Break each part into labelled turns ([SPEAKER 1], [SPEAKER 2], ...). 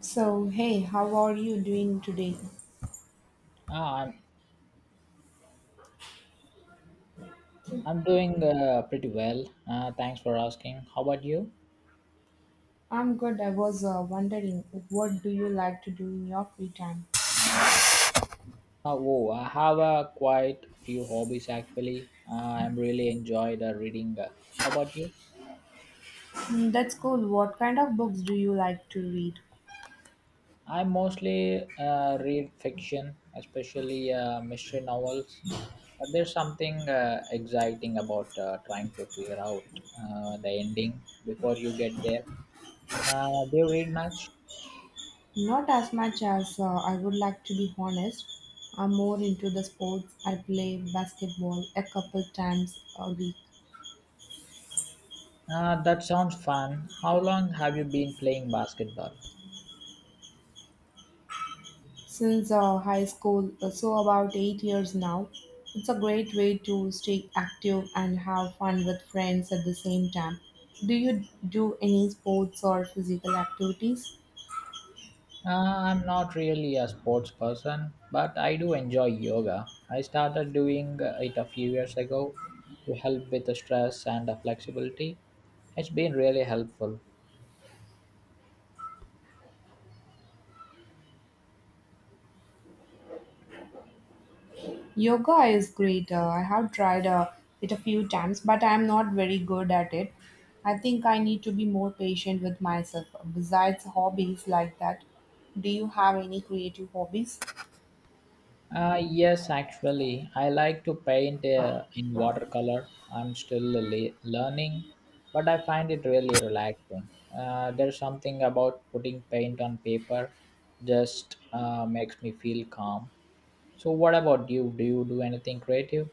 [SPEAKER 1] So, hey, how are you doing today?
[SPEAKER 2] Ah, I'm, I'm doing pretty well. Thanks for asking. How about you?
[SPEAKER 1] I'm good. I was wondering, what do you like to do in your free time?
[SPEAKER 2] Oh, I have quite a few hobbies actually. I'm really enjoyed reading. How about you?
[SPEAKER 1] Hmm, that's cool. What kind of books do you like to read?
[SPEAKER 2] I mostly read fiction, especially mystery novels. But there's something exciting about trying to figure out the ending before you get there. Do you read much?
[SPEAKER 1] Not as much as I would like, to be honest. I'm more into the sports. I play basketball a couple times a week.
[SPEAKER 2] That sounds fun. How long have you been playing basketball?
[SPEAKER 1] Since high school, so about 8 years now. It's a great way to stay active and have fun with friends at the same time. Do you do any sports or physical activities?
[SPEAKER 2] I'm not really a sports person, but I do enjoy yoga. I started doing it a few years ago to help with the stress and the flexibility. It's been really helpful.
[SPEAKER 1] Yoga is great. I have tried it a few times, but I'm not very good at it. I think I need to be more patient with myself. Besides hobbies like that, do you have any creative hobbies?
[SPEAKER 2] Yes, actually, I like to paint in watercolor. I'm still learning, but I find it really relaxing. There's something about putting paint on paper just makes me feel calm. So, what about you? Do you do anything creative?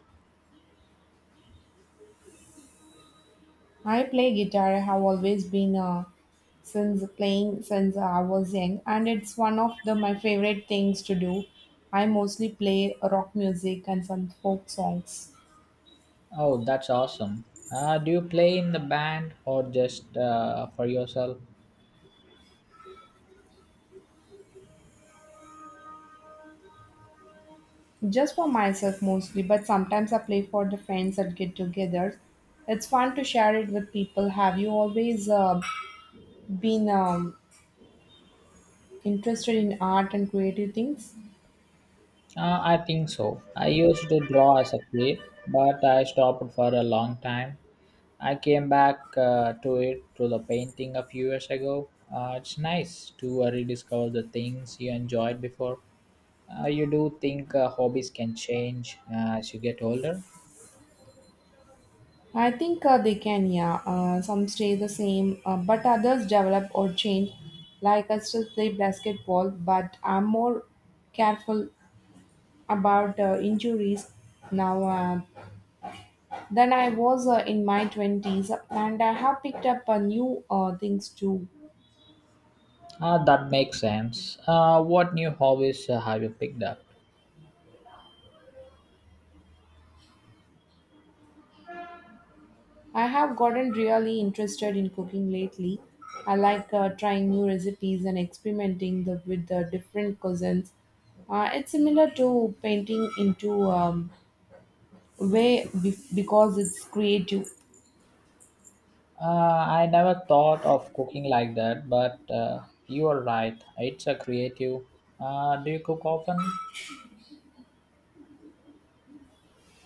[SPEAKER 1] I play guitar. I have always been since playing since I was young, and it's one of the my favorite things to do. I mostly play rock music and some folk songs,
[SPEAKER 2] Oh, that's awesome. Do you play in the band or just for yourself?
[SPEAKER 1] just for myself mostly. But sometimes I play for the friends at get-togethers. It's fun to share it with people. Have you always been interested in art and creative things?
[SPEAKER 2] I think so. I used to draw as a kid, but I stopped for a long time. I came back to it to the painting a few years ago. It's nice to rediscover the things you enjoyed before. You do think hobbies can change as you get older?
[SPEAKER 1] I think they can, yeah. Some stay the same, but others develop or change. Like I still play basketball, but I'm more careful about injuries now than I was in my 20s, and I have picked up new things too.
[SPEAKER 2] That makes sense. What new hobbies have you picked up?
[SPEAKER 1] I have gotten really interested in cooking lately. I like trying new recipes and experimenting with the different cuisines. It's similar to painting into because it's creative.
[SPEAKER 2] I never thought of cooking like that, but you are right. It's a creative. Do you cook often?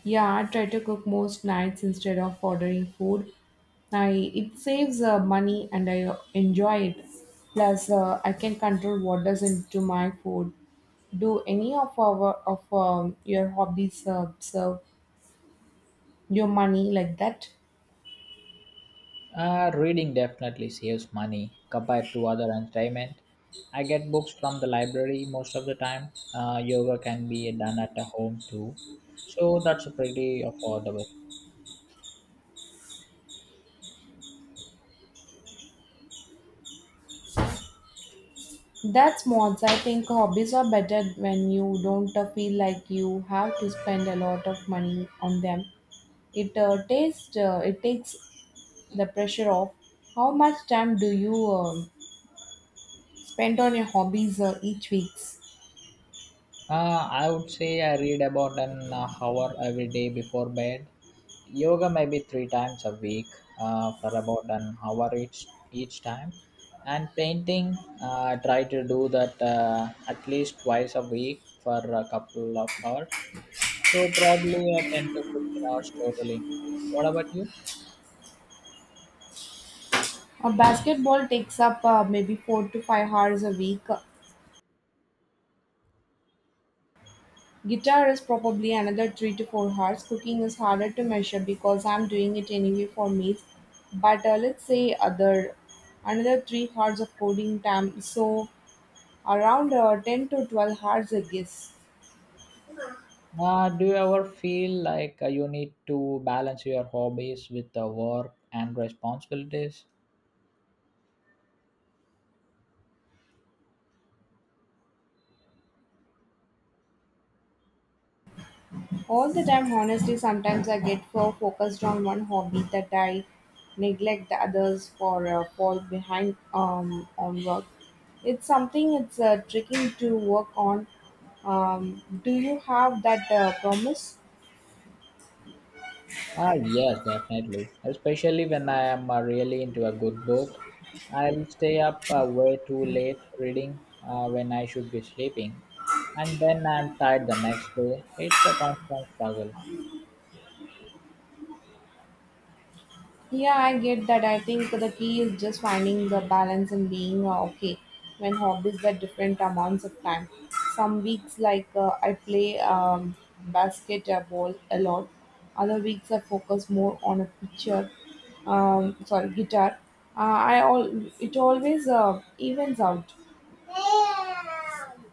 [SPEAKER 1] Yeah, I try to cook most nights instead of ordering food. I It saves money and I enjoy it. Plus, I can control what does into my food. Do any of our of your hobbies serve your money like that?
[SPEAKER 2] Reading definitely saves money compared to other entertainment. I get books from the library most of the time. Yoga can be done at a home too, so that's pretty affordable.
[SPEAKER 1] That's mods. I think hobbies are better when you don't feel like you have to spend a lot of money on them. It tastes. It takes the pressure of. How much time do you spend on your hobbies each weeks?
[SPEAKER 2] I would say I read about an hour every day before bed. Yoga maybe three times a week for about an hour each time. And painting, I try to do that at least twice a week for a couple of hours. So probably 10 to 15 hours totally. What about you?
[SPEAKER 1] Basketball takes up maybe 4 to 5 hours a week. Guitar is probably another 3 to 4 hours. Cooking is harder to measure because I'm doing it anyway for meals. But let's say other another 3 hours of coding time. So around 10 to 12 hours, I guess.
[SPEAKER 2] Do you ever feel like you need to balance your hobbies with the work and responsibilities?
[SPEAKER 1] All the time, honestly, sometimes I get so focused on one hobby that I neglect the others for fall behind on work. It's tricky to work on. Do you have that promise?
[SPEAKER 2] Yes, definitely. Especially when I am really into a good book. I'll stay up way too late reading when I should be sleeping, and then I'm tired the next day. It's a constant struggle.
[SPEAKER 1] Yeah, I get that. I think the key is just finding the balance and being okay when hobbies are different amounts of time. Some weeks, I play basketball a lot, other weeks, I focus more on a picture, sorry, guitar. Uh, I all it always evens out.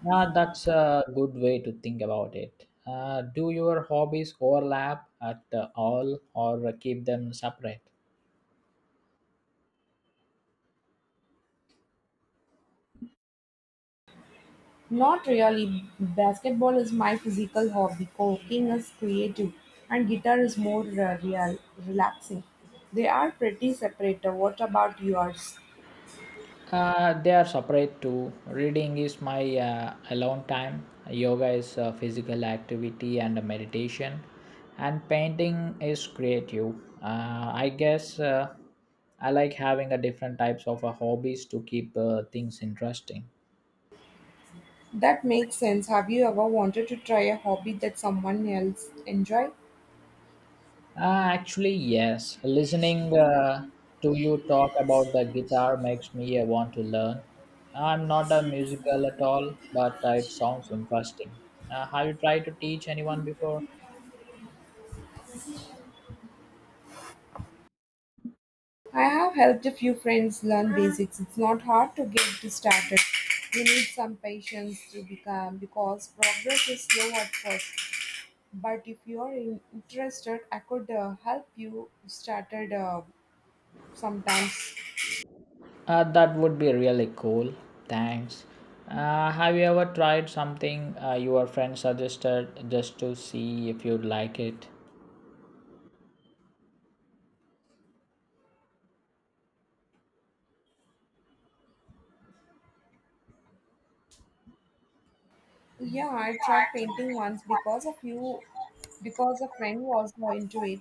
[SPEAKER 2] That's a good way to think about it. Do your hobbies overlap at all or keep them separate?
[SPEAKER 1] Not really, basketball is my physical hobby, cooking is creative, and guitar is more relaxing. They are pretty separate. What about yours?
[SPEAKER 2] They are separate too. Reading is my alone time. Yoga is physical activity and meditation, and painting is creative. I guess I like having a different types of hobbies to keep things interesting.
[SPEAKER 1] That makes sense. Have you ever wanted to try a hobby that someone else enjoy?
[SPEAKER 2] Actually, yes. Listening to you talk about the guitar makes me want to learn. I'm not a musical at all, but it sounds interesting. Have you tried to teach anyone before?
[SPEAKER 1] I have helped a few friends learn basics. It's not hard to get started. You need some patience to become because progress is slow at first. But if you are interested, I could help you started sometimes.
[SPEAKER 2] That would be really cool. Thanks. Have you ever tried something your friend suggested just to see if you'd like it?
[SPEAKER 1] Yeah, I tried painting once because of you, because a friend was more into it.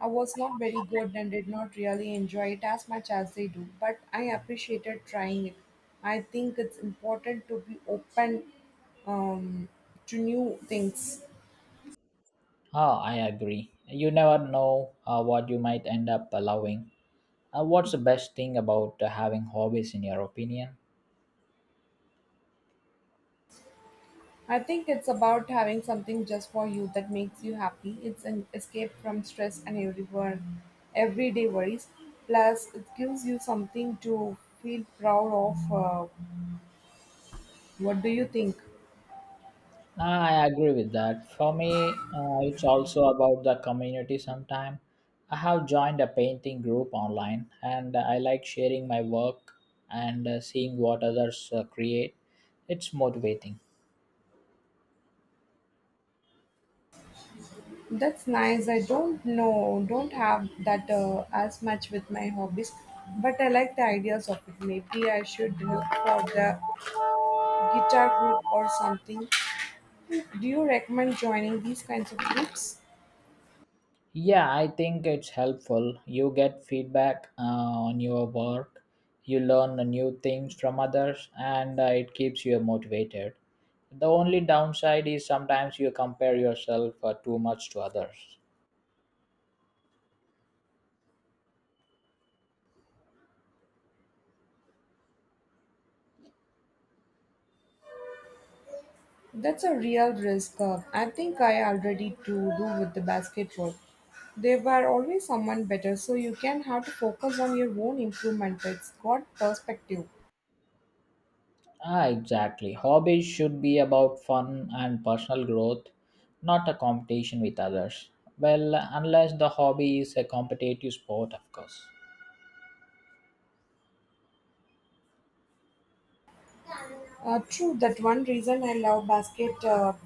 [SPEAKER 1] I was not very good and did not really enjoy it as much as they do, but I appreciated trying it. I think it's important to be open, um, to new things.
[SPEAKER 2] Oh, I agree. You never know what you might end up loving. What's the best thing about having hobbies, in your opinion?
[SPEAKER 1] I think it's about having something just for you that makes you happy. It's an escape from stress and everyday worries. Plus, it gives you something to feel proud of. What do you think?
[SPEAKER 2] I agree with that. For me, it's also about the community sometime. I have joined a painting group online and I like sharing my work and seeing what others create. It's motivating.
[SPEAKER 1] That's nice. I don't know, don't have that as much with my hobbies, but I like the ideas of it. Maybe I should look for the guitar group or something. Do you recommend joining these kinds of groups?
[SPEAKER 2] Yeah, I think it's helpful. You get feedback on your work, you learn the new things from others, and it keeps you motivated. The only downside is sometimes you compare yourself too much to others.
[SPEAKER 1] That's a real risk. I think I already do with the basketball. They were always someone better, so you can have to focus on your own improvement. It's got perspective.
[SPEAKER 2] Exactly. Hobbies should be about fun and personal growth, not a competition with others. Well, unless the hobby is a competitive sport, of course.
[SPEAKER 1] True, that one reason I love basketball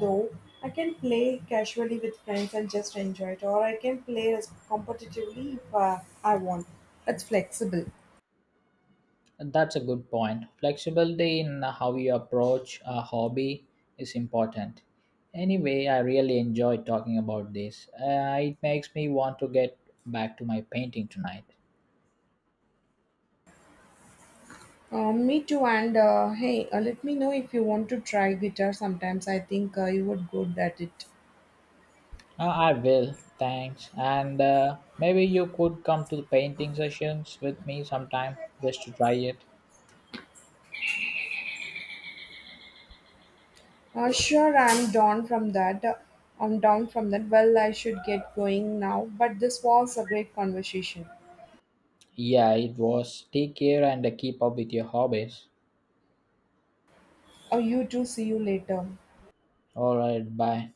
[SPEAKER 1] though. I can play casually with friends and just enjoy it, or I can play as competitively if I want. It's flexible.
[SPEAKER 2] That's a good point. Flexibility in how you approach a hobby is important. Anyway, I really enjoyed talking about this. It makes me want to get back to my painting tonight.
[SPEAKER 1] Me too, and hey, let me know if you want to try guitar sometimes. I think you would good at it.
[SPEAKER 2] I will, thanks. And maybe you could come to the painting sessions with me sometime just to try it.
[SPEAKER 1] Sure, I'm down from that. Well, I should get going now, but this was a great conversation.
[SPEAKER 2] Yeah, it was. Take care and keep up with your hobbies.
[SPEAKER 1] Oh, you too. See you later.
[SPEAKER 2] All right, bye.